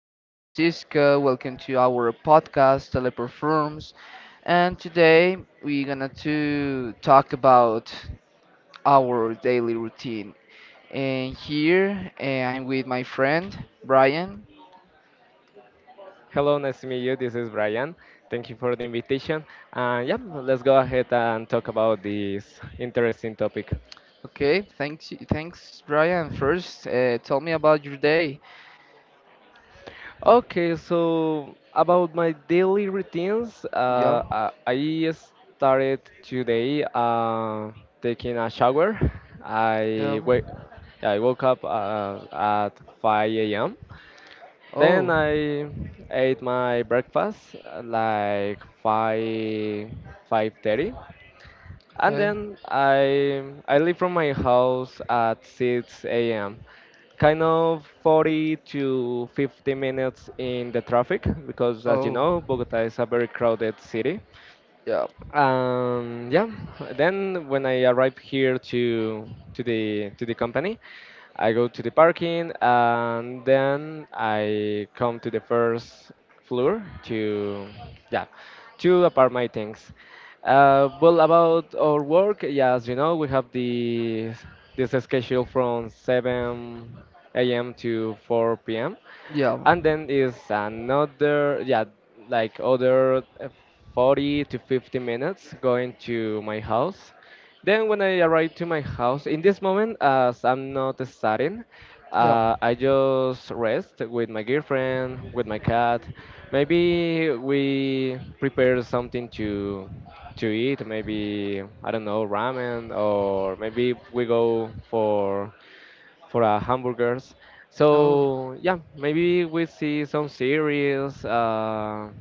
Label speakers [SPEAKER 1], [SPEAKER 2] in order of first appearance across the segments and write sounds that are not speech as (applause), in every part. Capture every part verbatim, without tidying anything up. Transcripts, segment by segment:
[SPEAKER 1] I'm Francisco. Welcome to our podcast, Teleperforms. And today we're gonna to talk about our daily routine. And here uh, I'm with my friend Brian.
[SPEAKER 2] Hello, nice to meet you. This is Brian. Thank you for the invitation. And yeah, let's go ahead and talk about this interesting topic.
[SPEAKER 1] Okay, thanks, thanks, Brian. First, uh, tell me about your day.
[SPEAKER 2] Okay, so about my daily routines,
[SPEAKER 1] Yeah,
[SPEAKER 2] uh, I I started today uh, taking a shower.
[SPEAKER 1] yeah.
[SPEAKER 2] I wake, I woke up uh, at five a m. Then
[SPEAKER 1] Oh,
[SPEAKER 2] I ate my breakfast uh, like five five thirty. And
[SPEAKER 1] okay.
[SPEAKER 2] then I I leave from my house at six a m. Kind of forty to fifty minutes in the traffic because, as you
[SPEAKER 1] Oh,
[SPEAKER 2] know, Bogota is a very crowded city.
[SPEAKER 1] yeah,
[SPEAKER 2] Um, yeah. Then when I arrive here to to the to the company, I go to the parking, and then I come to the first floor to, yeah, to apart my things. Uh, well, about our work, yeah, as you know, we have the this schedule from seven a m to four p m,
[SPEAKER 1] yeah,
[SPEAKER 2] and then is another, yeah, like other uh, forty to fifty minutes going to my house. Then when I arrive to my house, in this moment, as I'm not studying,
[SPEAKER 1] yeah.
[SPEAKER 2] uh, I just rest with my girlfriend, with my cat. Maybe we prepare something to to eat, maybe I don't know, ramen, or maybe we go for for uh, hamburgers.
[SPEAKER 1] Oh,
[SPEAKER 2] So yeah, maybe we see some series. Uh,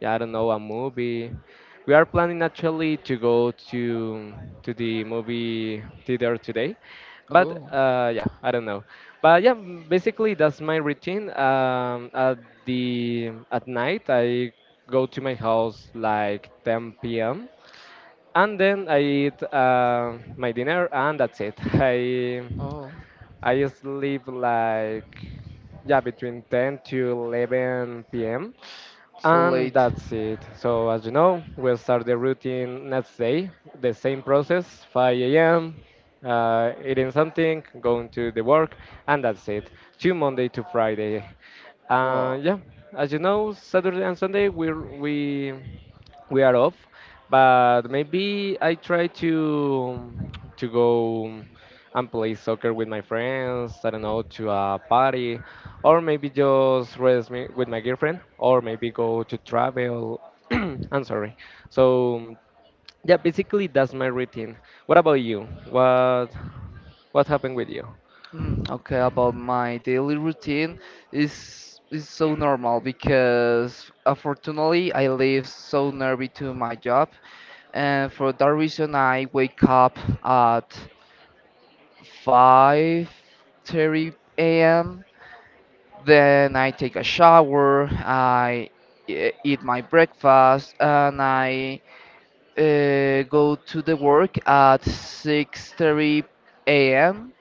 [SPEAKER 2] Yeah, I don't know, a movie. We are planning actually to go to to the movie theater today, but
[SPEAKER 1] oh,
[SPEAKER 2] uh, yeah, I don't know. But yeah, m- basically that's my routine. Um, at the at night I go to my house like ten p m, and then I eat uh, my dinner, and that's it. (laughs) I
[SPEAKER 1] oh.
[SPEAKER 2] I sleep like, yeah, between ten to eleven p m,
[SPEAKER 1] So
[SPEAKER 2] and
[SPEAKER 1] late.
[SPEAKER 2] that's it. So as you know, we'll start the routine next day, the same process, five a m. Uh, eating something, going to the work, and that's it. To Monday to Friday. Uh,
[SPEAKER 1] Well,
[SPEAKER 2] yeah, as you know, Saturday and Sunday we we we are off, but maybe I try to to go and play soccer with my friends. I don't know, to a party, or maybe just rest me with my girlfriend, or maybe go to travel. (clears throat) I'm sorry. So yeah, basically that's my routine. What about you? What what happened with you?
[SPEAKER 1] (clears throat) okay, about my daily routine is is so normal because unfortunately I live so nearby to my job, and for that reason I wake up at five thirty a m. Then I take a shower, I e- eat my breakfast, and I uh, go to the work at six thirty a m.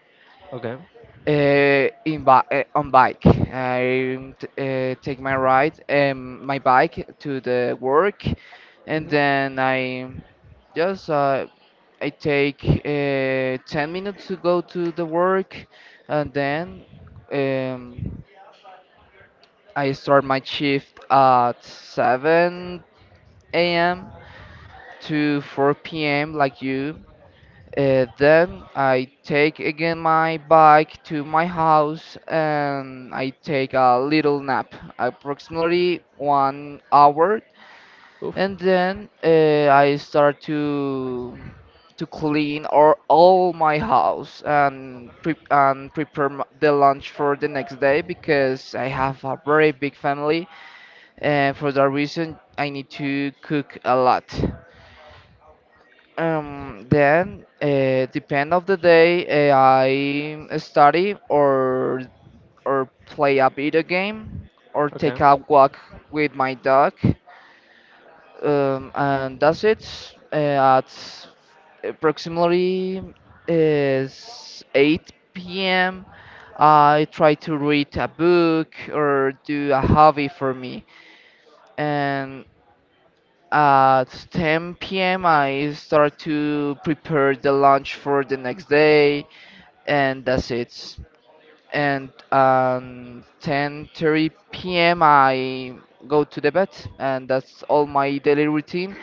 [SPEAKER 2] Okay.
[SPEAKER 1] Uh, in bi uh, On bike, I t uh, take my ride, um, my bike to the work, and
[SPEAKER 2] Hmm.
[SPEAKER 1] then I just uh, I take uh, ten minutes to go to the work, and then um, I start my shift at seven a m to four p m like you, uh, then I take again my bike to my house and I take a little nap, approximately one hour,
[SPEAKER 2] Oof.
[SPEAKER 1] and then uh, I start to to clean or all my house and pre and prepare m- the lunch for the next day because I have a very big family and for that reason I need to cook a lot. Um, then, uh, depend of the day, uh, I study or or play a video game or
[SPEAKER 2] Okay.
[SPEAKER 1] take a walk with my dog. Um, and that's it. Uh, at approximately is eight p m. I try to read a book or do a hobby for me. And at ten p m, I start to prepare the lunch for the next day, and that's it. And um, ten thirty p m, I go to the bed, and that's all my daily routine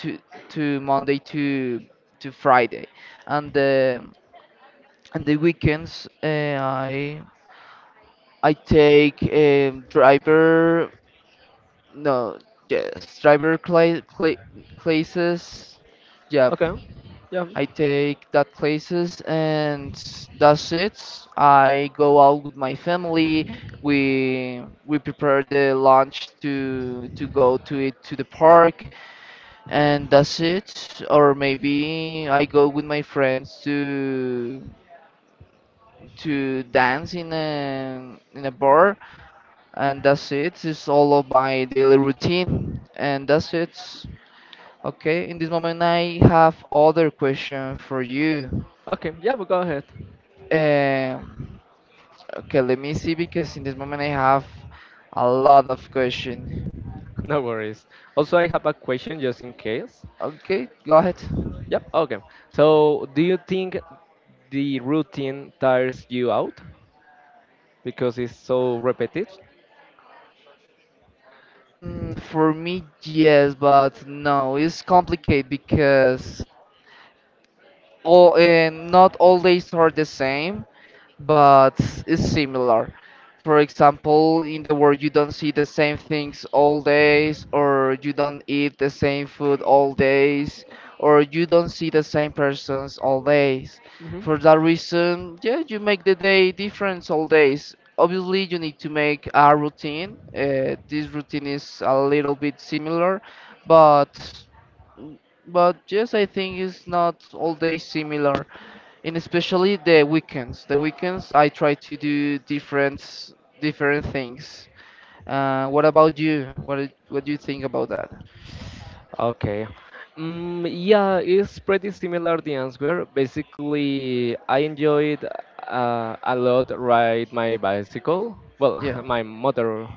[SPEAKER 1] to to Monday to to Friday. And the and the weekends, uh, I I take um, driver no yes driver cla cla classes. Yeah,
[SPEAKER 2] Okay. Yeah.
[SPEAKER 1] I take that classes and that's it. I go out with my family. We we prepare the lunch to to go to it to the park and that's it. Or maybe I go with my friends to to dance in a in a bar and that's it. It's all of my daily routine and that's it. Okay, in this moment I have other question for you.
[SPEAKER 2] Okay. Yeah, but go ahead. (laughs)
[SPEAKER 1] Um, okay, let me see because in this moment I have a lot of question.
[SPEAKER 2] No worries. Also, I have a question just in case.
[SPEAKER 1] Okay, go ahead.
[SPEAKER 2] Yep. Okay. So, do you think the routine tires you out because it's so repetitive?
[SPEAKER 1] Mm, for me, yes, but no, it's complicated because all uh, not all days are the same, but it's similar. For example, in the world you don't see the same things all days, or you don't eat the same food all days, or you don't see the same persons all days.
[SPEAKER 2] Hmm.
[SPEAKER 1] For that reason, yeah, you make the day different all days. Obviously, you need to make a routine. Uh, this routine is a little bit similar, but but yes, I think it's not all day similar, and especially the weekends. The weekends I try to do different s- different things. Uh, what about you? What i- what do you think about that?
[SPEAKER 2] Okay. Mm, yeah, it's pretty similar, the answer. Basically, I enjoyed, uh, a lot, ride my bicycle. Well,
[SPEAKER 1] Yeah,
[SPEAKER 2] (laughs) my motor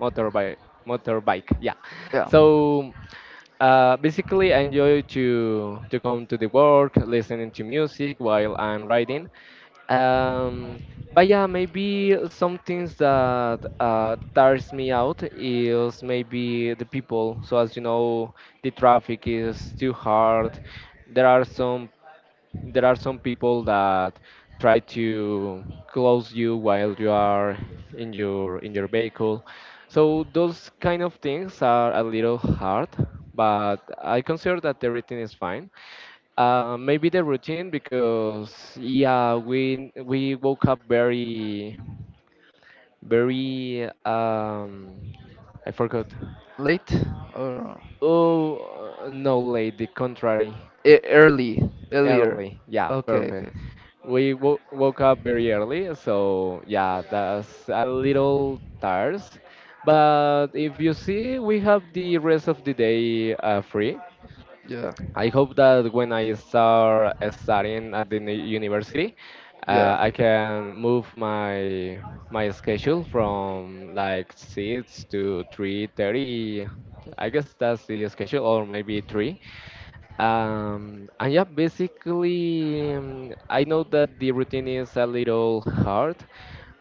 [SPEAKER 2] motorbike motorbike yeah,
[SPEAKER 1] yeah.
[SPEAKER 2] so uh, basically I enjoy to to come to the work listening to music while I'm riding. um, but yeah, maybe some things that uh, tires me out is maybe the people. So as you know, the traffic is too hard. there are some there are some people that try to close you while you are in your in your vehicle. So those kind of things are a little hard, but I consider that everything is fine. Uh, maybe the routine, because yeah, we we woke up very very, um I forgot.
[SPEAKER 1] Late or
[SPEAKER 2] Oh, uh, no, late, the contrary.
[SPEAKER 1] e- early, earlier.
[SPEAKER 2] Early, yeah,
[SPEAKER 1] Okay,
[SPEAKER 2] perfect.
[SPEAKER 1] okay.
[SPEAKER 2] We wo woke up very early, so yeah, that's a little tired. But if you see, we have the rest of the day uh, free.
[SPEAKER 1] Yeah,
[SPEAKER 2] I hope that when I start studying at the ni- university,
[SPEAKER 1] yeah,
[SPEAKER 2] uh, I can move my my schedule from like six to three thirty. I guess that's the schedule, or maybe three. Um, and yeah, basically, um, I know that the routine is a little hard,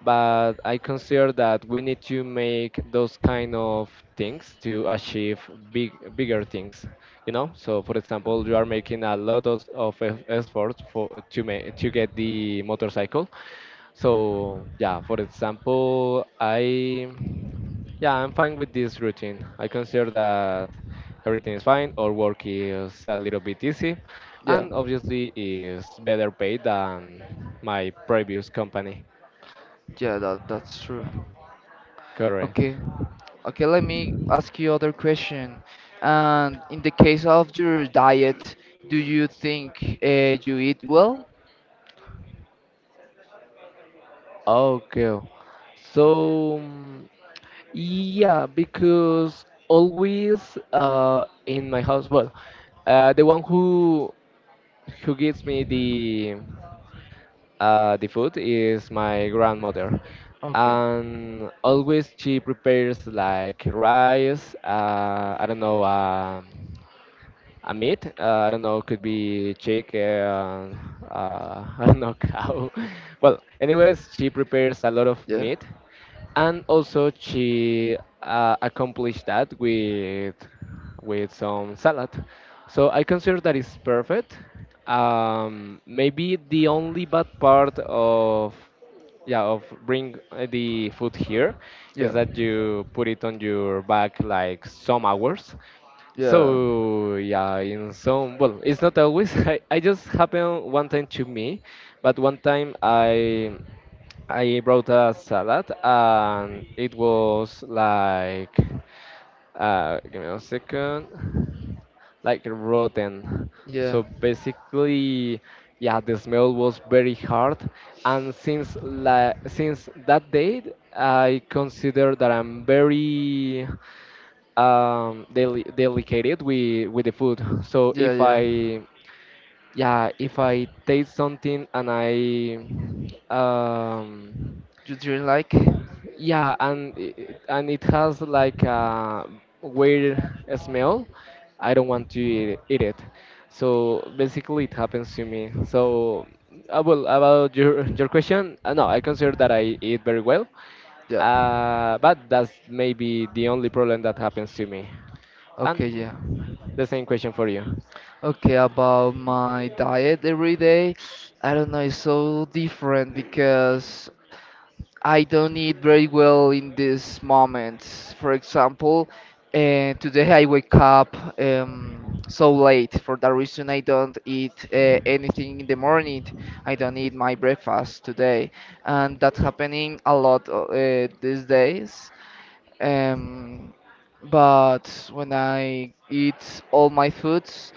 [SPEAKER 2] but I consider that we need to make those kind of things to achieve big, bigger things, you know? So, for example, you are making a lot of, of eff- effort for to make to get the motorcycle, so yeah, for example, I yeah I'm fine with this routine. I consider that everything is fine, or work is a little bit easy,
[SPEAKER 1] yeah,
[SPEAKER 2] and obviously is better paid than my previous company.
[SPEAKER 1] yeah. That that's true.
[SPEAKER 2] Correct.
[SPEAKER 1] Okay. Okay, let me ask you other question. And in the case of your diet, do you think uh, you eat well?
[SPEAKER 2] Okay. So, mm, yeah, because always uh in my house, well, uh, the one who who gives me the Uh, the food is my grandmother,
[SPEAKER 1] Okay.
[SPEAKER 2] and always she prepares like rice. Uh, I don't know. um Amit, uh, I don't know, could be chick, uh, uh, (laughs) I don't know, cow. (laughs) Well, anyways, she prepares a lot of
[SPEAKER 1] Yeah.
[SPEAKER 2] meat, and also she uh, accomplished that with with some salad. So I consider that is perfect. Um, maybe the only bad part of yeah of bring uh, the food here is
[SPEAKER 1] Yeah.
[SPEAKER 2] that you put it on your back like some hours,
[SPEAKER 1] Yeah.
[SPEAKER 2] so yeah, in some, well, it's not always. (laughs) I, I just happened one time to me, but one time I I brought a salad and it was like, uh give me a second, like rotten.
[SPEAKER 1] Yeah.
[SPEAKER 2] So basically, yeah, the smell was very hard, and since la since that date, I consider that I'm very um deli delicated with with the food. So
[SPEAKER 1] Yeah.
[SPEAKER 2] if
[SPEAKER 1] Yeah.
[SPEAKER 2] i yeah if I taste something and I, um
[SPEAKER 1] You drink like?
[SPEAKER 2] yeah, and it, and it has like a weird smell. I don't want to eat, eat it. So basically, it happens to me. So, uh, well, about your your question, uh, no, I consider that I eat very well.
[SPEAKER 1] Yeah.
[SPEAKER 2] Uh, but that's maybe the only problem that happens to me. And
[SPEAKER 1] Okay. Yeah.
[SPEAKER 2] the same question for you.
[SPEAKER 1] Okay. About my diet every day, I don't know. It's so different because I don't eat very well in these moments. For example, uh, today I wake up um, so late. For that reason, I don't eat uh, anything in the morning. I don't eat my breakfast today, and that's happening a lot uh, these days. Um, but when I eat all my foods,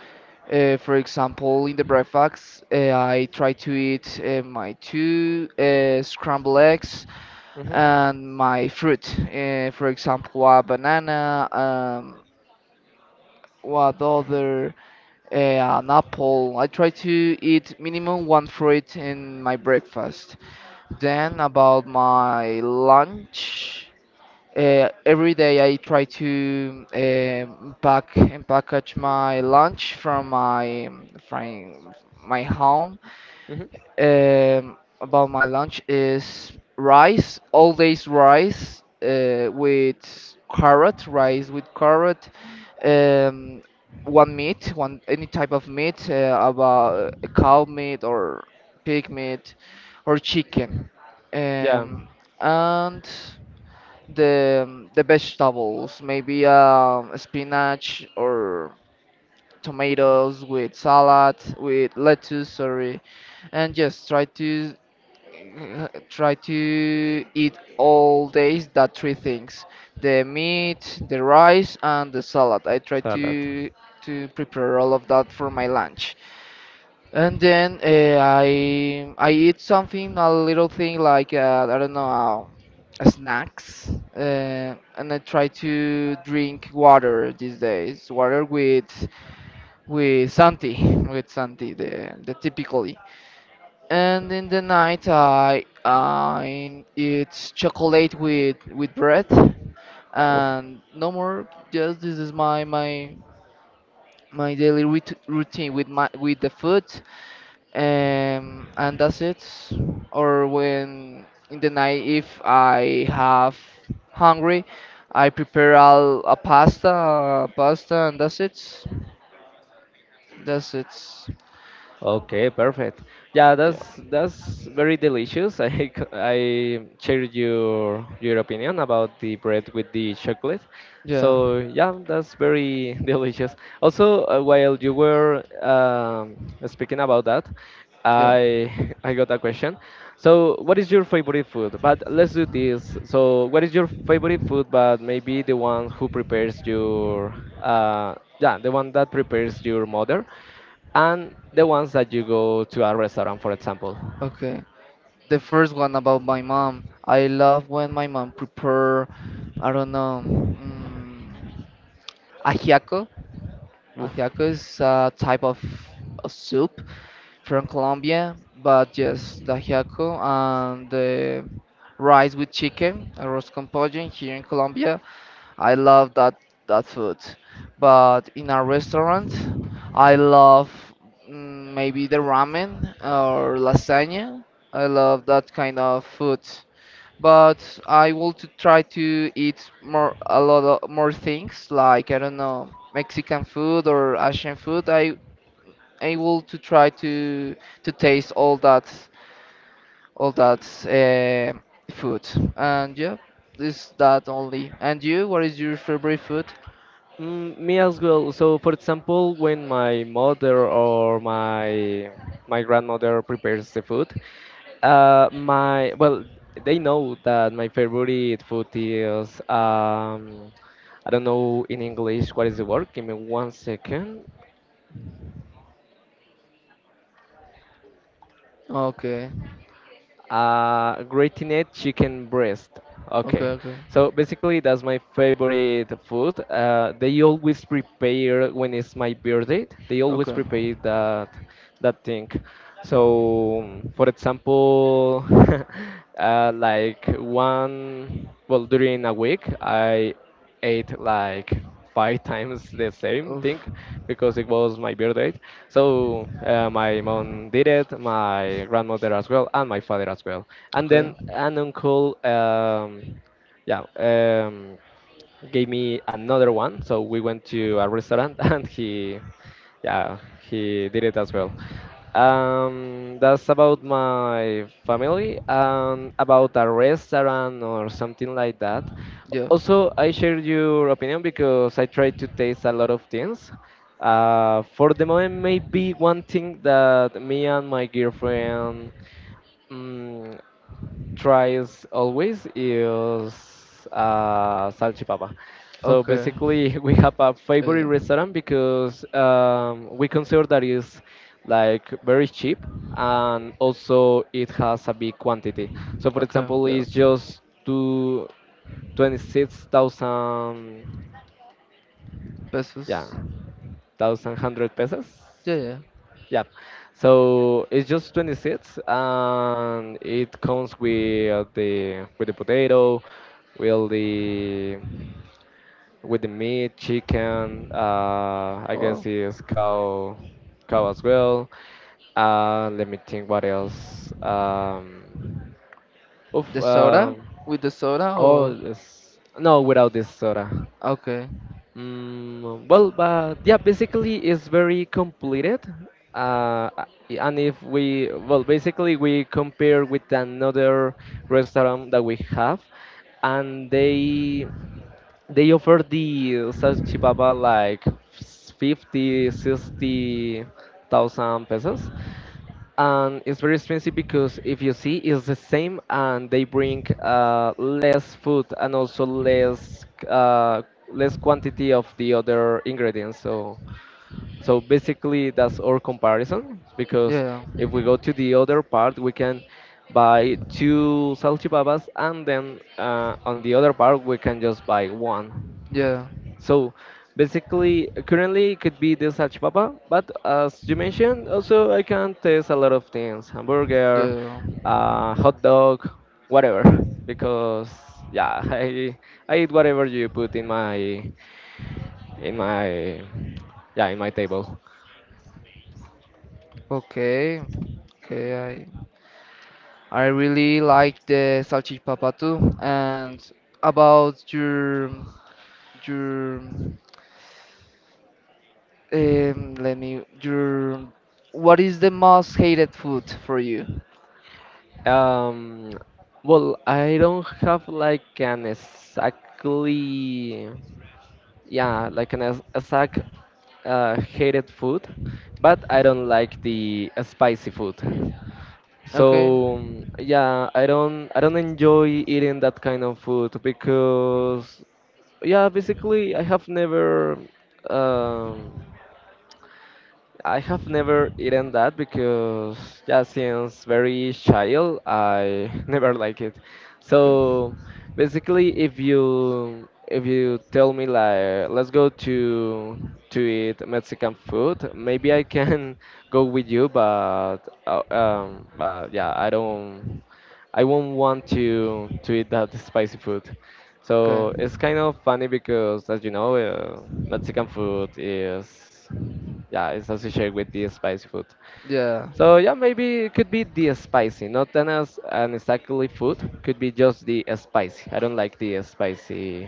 [SPEAKER 1] uh, for example, in the breakfast, uh, I try to eat uh, my two uh, scrambled eggs
[SPEAKER 2] Hmm.
[SPEAKER 1] and my fruit. Uh, for example, a banana, um, what other, uh, an apple. I try to eat minimum one fruit in my breakfast. Then about my lunch, uh, every day I try to um pack and package my lunch from my from my home,
[SPEAKER 2] Hmm.
[SPEAKER 1] um, about my lunch is rice, all days rice uh, with carrot, rice with carrot, um, one meat, one any type of meat, uh, about uh, cow meat or pig meat or chicken,
[SPEAKER 2] Yeah,
[SPEAKER 1] um, and the the vegetables, maybe um, spinach or tomatoes with salad with lettuce sorry and just try to (laughs) uh, try to eat all days that three things, the meat, the rice, and the salad. I try
[SPEAKER 2] salad.
[SPEAKER 1] to to prepare all of that for my lunch, and then uh, i i eat something, a little thing like uh, I don't know, uh, snacks, uh, and I try to drink water these days, water with with santi (laughs) with santi, the, the typically. And in the night, I I eat chocolate with with bread,
[SPEAKER 2] Oof.
[SPEAKER 1] and no more. Just this is my my my daily rout- routine with my with the food, um, and that's it. Or when in the night, if I have hungry, I prepare a, a pasta, pasta, and that's it. That's it.
[SPEAKER 2] Okay, perfect. Yeah,
[SPEAKER 1] Yeah,
[SPEAKER 2] that's that's very delicious. (laughs) I c- I share your your opinion about the bread with the chocolate.
[SPEAKER 1] yeah,
[SPEAKER 2] So yeah, that's very (laughs) delicious. Also, uh, while you were um, speaking about that,
[SPEAKER 1] yeah.
[SPEAKER 2] I (laughs) I got a question. So, what is your favorite food? But let's do this. So, what is your favorite food? But maybe the one who prepares your, uh yeah, the one that prepares your mother, and the ones that you go to a restaurant, for example.
[SPEAKER 1] Okay. The first one about my mom. I love when my mom prepare, I don't know, mm, ajiaco.
[SPEAKER 2] Oof.
[SPEAKER 1] Ajiaco is a type of, of soup from Colombia, but just the ajiaco and the rice with chicken, arroz con pollo here in Colombia. I love that that food. But in a restaurant, I love, mm, maybe the ramen or lasagna. I love that kind of food, but I want to try to eat more, a lot of more things like, I don't know, Mexican food or Asian food. I I want to try to to taste all that all that uh, food. And yeah, this that only. And you, what is your favorite food?
[SPEAKER 2] Mm, me as well. So, for example, when my mother or my my grandmother prepares the food, uh, my, well, they know that my favorite food is, um, I don't know in English what is the word. Give me one second.
[SPEAKER 1] Okay,
[SPEAKER 2] Uh, gratinate chicken breast.
[SPEAKER 1] okay,
[SPEAKER 2] Okay,
[SPEAKER 1] okay,
[SPEAKER 2] so basically that's my favorite food. Uh, they always prepare when it's my birthday. They always
[SPEAKER 1] okay.
[SPEAKER 2] prepare that that thing. So, for example, (laughs) uh, like one, well, during a week, I ate like five (laughs) times the same
[SPEAKER 1] Oof.
[SPEAKER 2] thing because it was my birthday. So, uh, my mom did it, my grandmother as well, and my father as well. And
[SPEAKER 1] Okay,
[SPEAKER 2] then an uncle, um, yeah, um, gave me another one. So we went to a restaurant (laughs) and he, yeah, he did it as well. Um, that's about my family and about a restaurant or something like that.
[SPEAKER 1] yeah.
[SPEAKER 2] Also, I share your opinion because I try to taste a lot of things. Uh, for the moment, maybe one thing that me and my girlfriend, Mm, tries always is uh, salchipapa. So
[SPEAKER 1] Okay,
[SPEAKER 2] basically, (laughs) we have a
[SPEAKER 1] yeah,
[SPEAKER 2] favorite
[SPEAKER 1] yeah.
[SPEAKER 2] restaurant because, um, we consider that is like very cheap, and also it has a big quantity. So, for
[SPEAKER 1] Okay,
[SPEAKER 2] example,
[SPEAKER 1] yeah.
[SPEAKER 2] it's just two, twenty-six thousand, yeah,
[SPEAKER 1] Pesos.
[SPEAKER 2] thousand hundred pesos.
[SPEAKER 1] Yeah, yeah.
[SPEAKER 2] Yeah, so it's just twenty-six, and it comes with the with the potato, with the with the meat, chicken. Uh, I
[SPEAKER 1] Wow.
[SPEAKER 2] guess it's cow cow as well. Uh, let me think what else. Um, oof,
[SPEAKER 1] The soda?
[SPEAKER 2] um,
[SPEAKER 1] With the soda
[SPEAKER 2] oh,
[SPEAKER 1] or
[SPEAKER 2] it's, no, without this soda.
[SPEAKER 1] okay.
[SPEAKER 2] Mm, well, but yeah, basically it's very completed. Uh, a- and if we, well, basically we compare with another restaurant that we have, and they they offer the salchipapa like fifty, sixty thousand pesos, and it's very expensive because if you see it's the same, and they bring uh, less food, and also less uh, less quantity of the other ingredients. So, so basically, that's our comparison, because
[SPEAKER 1] Yeah.
[SPEAKER 2] if we go to the other part we can buy two salchipappas, and then, uh, on the other part we can just buy one.
[SPEAKER 1] Yeah.
[SPEAKER 2] So basically, currently it could be the salchipapa, but as you mentioned, also I can taste a lot of things, hamburger,
[SPEAKER 1] Yeah.
[SPEAKER 2] uh, hot dog, whatever, because yeah, (laughs) I I eat whatever you put in my in my yeah in my table.
[SPEAKER 1] Okay. Okay, I I really like the salchipapa too. And about your your um let me your, what is the most hated food for you?
[SPEAKER 2] Um, well, I don't have like an exactly. Yeah, like an as- Azak, uh, hated food, but I don't like the uh, spicy food.
[SPEAKER 1] Okay.
[SPEAKER 2] So, um, yeah, I don't I don't enjoy eating that kind of food, because yeah, basically I have never um, I have never eaten that, because yeah, since very child I (laughs) never like it.
[SPEAKER 1] Okay.
[SPEAKER 2] So basically, if you if you tell me like let's go to to eat Mexican food, maybe I can (laughs) go with you, but uh, um, but yeah, I don't I won't want to to eat that spicy food.
[SPEAKER 1] Okay.
[SPEAKER 2] So it's kind of funny because, as you know, uh, Mexican food is, yeah, it's associated with the spicy food.
[SPEAKER 1] Yeah.
[SPEAKER 2] So yeah, maybe it could be the spicy, not an as an exactly food. Could be just the spicy. I don't like the spicy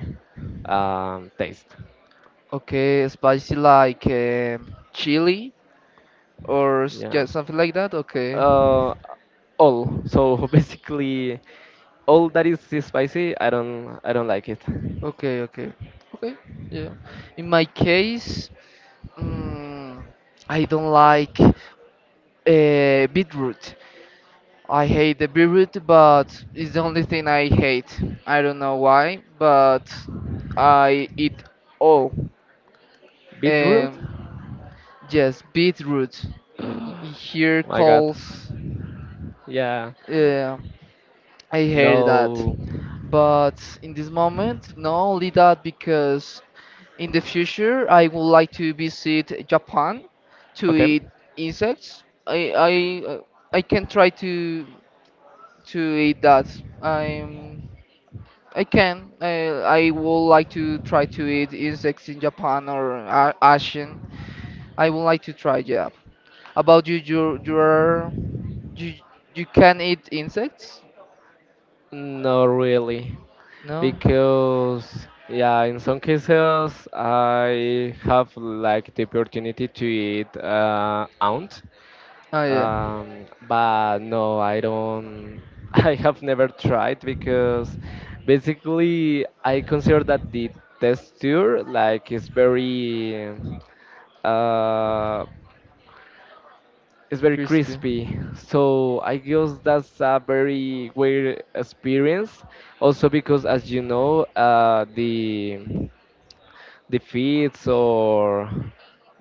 [SPEAKER 2] um, taste.
[SPEAKER 1] Okay, spicy like um chili or s- yeah,
[SPEAKER 2] Yeah.
[SPEAKER 1] something like that. Okay.
[SPEAKER 2] Uh, all. So (laughs) basically, all that is spicy, I don't, I don't like it.
[SPEAKER 1] Okay, okay, okay. Yeah. In my case, mm, I don't like uh, beetroot. I hate the beetroot, but it's the only thing I hate. I don't know why, but I eat all.
[SPEAKER 2] Beetroot?
[SPEAKER 1] Um,
[SPEAKER 2] Oh
[SPEAKER 1] yes, beetroot. Y- y- Here
[SPEAKER 2] my God.
[SPEAKER 1] calls.
[SPEAKER 2] Yeah.
[SPEAKER 1] Yeah, I hate that.
[SPEAKER 2] No.
[SPEAKER 1] But in this moment, not only that, because in the future, I would like to visit Japan to
[SPEAKER 2] Okay.
[SPEAKER 1] eat insects. I I uh, I can try to to eat that. I'm I can. I I would like to try to eat insects in Japan or a- Asian. I would like to try. Yeah. About you, you you are you you can eat insects?
[SPEAKER 2] Not really,
[SPEAKER 1] No.
[SPEAKER 2] because yeah, in some cases I have like the opportunity to eat uh, aunt,
[SPEAKER 1] Oh yeah,
[SPEAKER 2] um, but no, I don't. (laughs) I have never tried because basically I consider that the texture like is very uh, it's very
[SPEAKER 1] crispy.
[SPEAKER 2] crispy. So I guess that's a very weird experience. Also because, as you know, uh, the the feet or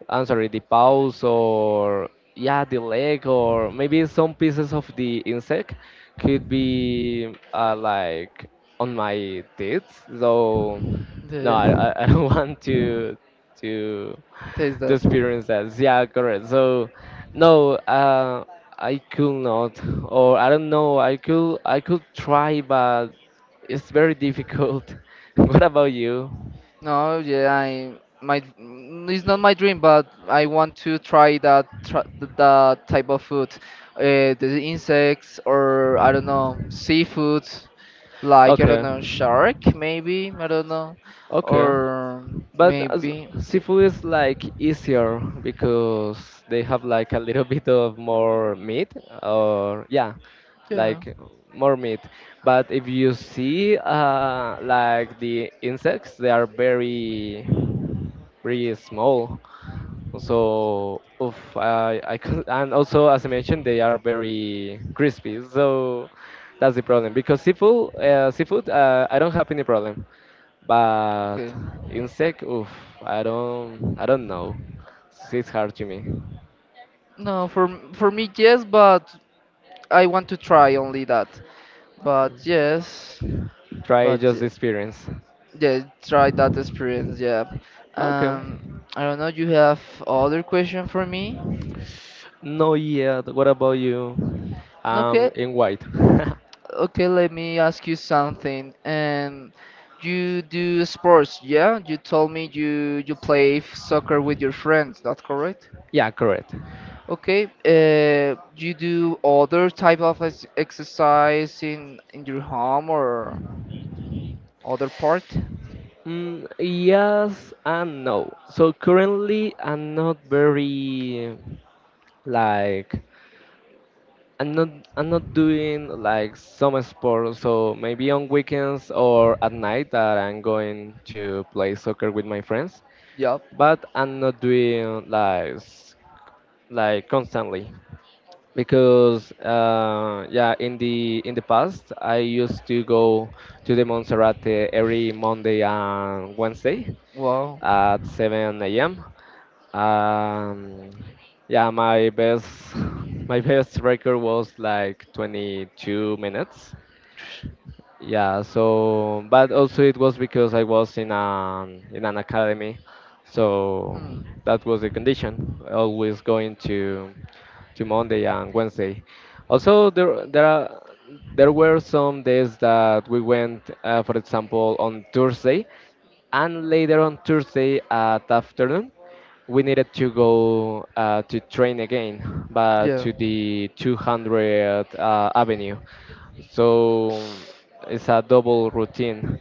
[SPEAKER 2] I'm sorry, the paws or yeah, the leg or maybe some pieces of the insect could be uh, like on my teeth. So
[SPEAKER 1] Yeah,
[SPEAKER 2] no, I,
[SPEAKER 1] yeah.
[SPEAKER 2] I I don't (laughs) want to to
[SPEAKER 1] Taste
[SPEAKER 2] to
[SPEAKER 1] that.
[SPEAKER 2] experience that. Yeah, correct. So, no, uh, I could not, or I don't know. I could, I could try, but it's very difficult. (laughs) What about you?
[SPEAKER 1] No, yeah, I my mm, it's not my dream, but I want to try that tr that type of food, uh, the insects, or I don't know, seafood, like I don't
[SPEAKER 2] Okay,
[SPEAKER 1] know, shark maybe, I don't know,
[SPEAKER 2] okay.
[SPEAKER 1] or
[SPEAKER 2] But as,
[SPEAKER 1] maybe see-
[SPEAKER 2] seafood is like easier because they have like a little (laughs) bit of more meat, or yeah,
[SPEAKER 1] yeah,
[SPEAKER 2] like more meat. But if you see, uh, like the insects, they are very, very small. So, oof, I, I cou- and also as I mentioned, they are very crispy. So that's the problem. Because seafood, uh, seafood, uh, I don't have any problem. But
[SPEAKER 1] okay.
[SPEAKER 2] insect, oof, I don't, I don't know. It's hard to me.
[SPEAKER 1] No, for m- for me yes, but I want to try only that. But yes,
[SPEAKER 2] Try
[SPEAKER 1] but
[SPEAKER 2] just the experience.
[SPEAKER 1] yeah, try that experience. Yeah.
[SPEAKER 2] Okay.
[SPEAKER 1] Um, I don't know. You have other question for me?
[SPEAKER 2] No yet. What about you? Um,
[SPEAKER 1] Okay.
[SPEAKER 2] in white. (laughs)
[SPEAKER 1] Okay. Let me ask you something. Um, you do sports, yeah? You told me you you play f- soccer with your friends. That correct?
[SPEAKER 2] Yeah, correct.
[SPEAKER 1] Okay. Uh, you do other type of ex- exercise in in your home or other part?
[SPEAKER 2] Mm, yes and no. So currently, I'm not very Like I'm not I'm not doing like some sport, so maybe on weekends or at night that I'm going to play soccer with my friends,
[SPEAKER 1] Yeah.
[SPEAKER 2] but I'm not doing like s- like constantly because uh, yeah, in the in the past I used to go to the Monserrate every Monday and Wednesday
[SPEAKER 1] Wow.
[SPEAKER 2] at seven a m. Um, yeah, my best (laughs) my best record was like twenty-two minutes. Yeah, so but also it was because I was in an in an academy, so
[SPEAKER 1] Hmm.
[SPEAKER 2] that was the condition. Always going to to Monday and Wednesday. Also, there there are there were some days that we went, uh, for example, on Thursday, and later on Thursday at afternoon, we needed to go uh, to train again, but
[SPEAKER 1] Yeah.
[SPEAKER 2] to the two hundred uh, Avenue. So it's a double routine.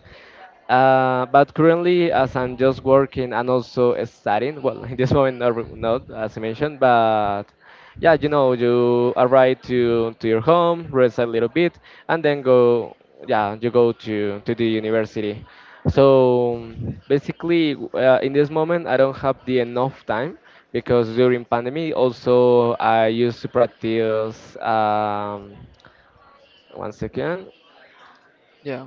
[SPEAKER 2] Uh, but currently, as I'm just working and also studying, well, (laughs) in this moment, not, re- not as I mentioned, but yeah, you know, you arrive to to your home, rest a little bit, and then go, yeah, you go to to the university. So basically, w- uh, in this moment, I don't have the enough time because during pandemic, also I used to practice. Um, one second.
[SPEAKER 1] Yeah.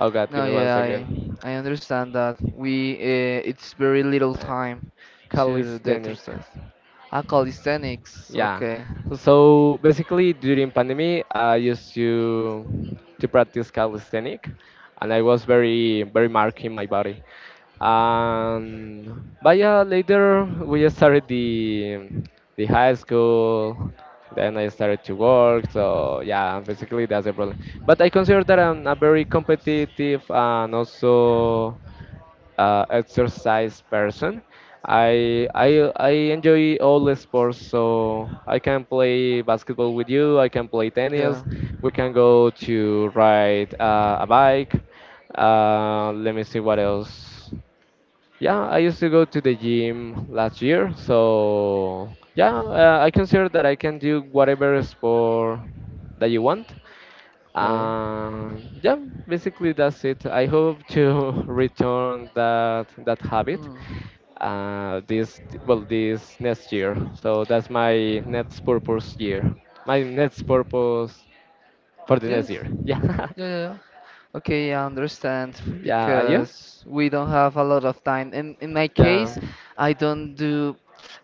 [SPEAKER 2] Oh God, give
[SPEAKER 1] No,
[SPEAKER 2] me one
[SPEAKER 1] yeah, I
[SPEAKER 2] second.
[SPEAKER 1] I understand that we uh, it's very little
[SPEAKER 2] Uh,
[SPEAKER 1] time to the
[SPEAKER 2] calisthenic.
[SPEAKER 1] exercise. Ah, calisthenics.
[SPEAKER 2] Yeah.
[SPEAKER 1] Okay.
[SPEAKER 2] So basically, during pandemic, I used to to practice calisthenic, and I was very very marked in my body. Um, but yeah, later we started the the high school. Then I started to work. So yeah, basically that's the problem. But I consider that I'm a very competitive and also uh, exercise person. I I I enjoy all the sports, so I can play basketball with you. I can play
[SPEAKER 1] Yeah.
[SPEAKER 2] tennis. We can go to ride uh, a bike. Uh, let me see what else. Yeah, I used to go to the gym last year, so yeah, uh, I consider that I can do whatever sport that you want.
[SPEAKER 1] Okay.
[SPEAKER 2] Um, yeah, basically that's it. I hope to (laughs) return that that habit
[SPEAKER 1] Mm.
[SPEAKER 2] uh, this well this next year. So that's my next purpose year. My next purpose for the
[SPEAKER 1] Yes.
[SPEAKER 2] next year. Yeah,
[SPEAKER 1] Yeah, yeah. Yeah. Okay, yeah, I understand f-
[SPEAKER 2] (laughs) yeah, and you?
[SPEAKER 1] because we don't have a lot of time. In in my
[SPEAKER 2] Yeah,
[SPEAKER 1] case, I don't do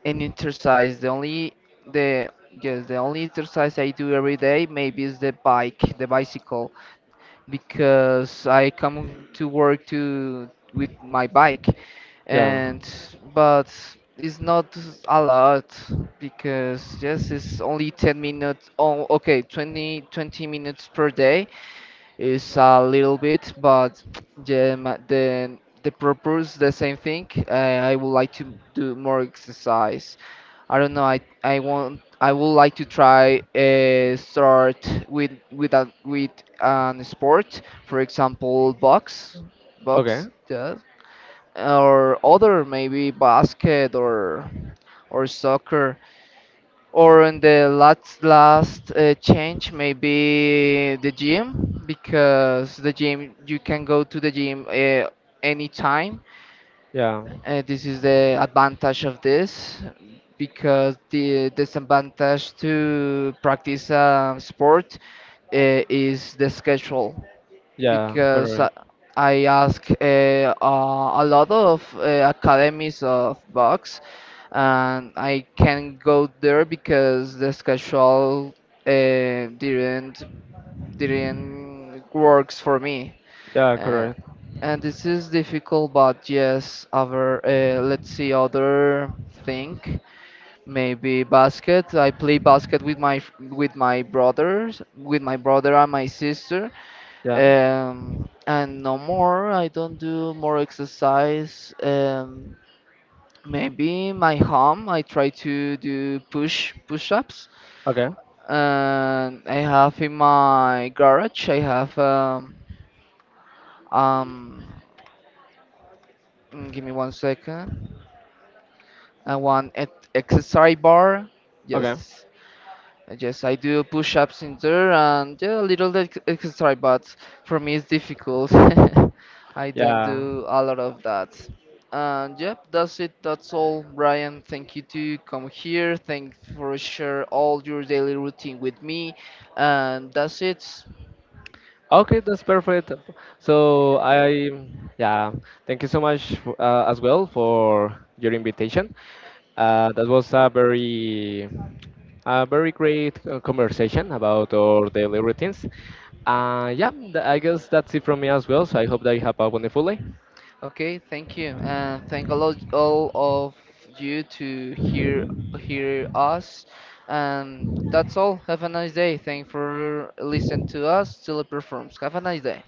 [SPEAKER 1] any exercise. The only the yes, the only exercise I do every day maybe is the bike, the bicycle, because I come to work to with my bike,
[SPEAKER 2] yeah.
[SPEAKER 1] and but it's not a lot because yes, it's only ten minutes. Oh, okay, twenty twenty minutes per day is a little bit, but (tsk) yeah, ma- the the purpose the same thing. Uh, I would like to do more exercise, I don't know. I I want I would like to try uh, start with with a with an sport, for example, box,
[SPEAKER 2] Okay.
[SPEAKER 1] box, Yeah, or other maybe basket or or soccer. Or in the last last uh, change, maybe the gym, because the gym you can go to the gym uh, anytime.
[SPEAKER 2] Yeah,
[SPEAKER 1] Uh, this is the advantage of this, because the disadvantage to practice a sport uh, is the schedule,
[SPEAKER 2] yeah,
[SPEAKER 1] because uh,
[SPEAKER 2] correct.
[SPEAKER 1] I ask, uh, uh, a lot of uh, academies of box, and I can't go there because the schedule uh, didn't didn't works for me.
[SPEAKER 2] Yeah,
[SPEAKER 1] Uh,
[SPEAKER 2] correct.
[SPEAKER 1] and this is difficult, but yes, other uh, let's see other thing, maybe basket. I play basket with my f- with my brothers, with my brother and my sister.
[SPEAKER 2] Yeah.
[SPEAKER 1] Um, and no more. I don't do more exercise. Um, maybe my home. I try to do push push-ups.
[SPEAKER 2] Okay.
[SPEAKER 1] And I have in my garage. I have um um. mm, Give me one second. And one ex- exercise bar.
[SPEAKER 2] Okay.
[SPEAKER 1] Yes, I just I do push-ups in there, and yeah, a little ex- exercise, but for me it's difficult. (laughs) I don't
[SPEAKER 2] Yeah.
[SPEAKER 1] do a lot of that. And yep, that's it. That's all, Brian. Thank you to come here. Thank for share all your daily routine with me. And that's it.
[SPEAKER 2] Okay, that's perfect. So I, yeah, thank you so much f- uh, as well for your invitation. Uh, that was a very, a very great uh, conversation about our daily routines. Uh, yeah, th- I guess that's it from me as well. So I hope that you have a wonderful day.
[SPEAKER 1] Okay, thank you, and thank all of, all of you to hear hear us. And that's all. Have a nice day. Thank for listening to us. Teleperforms. Have a nice day.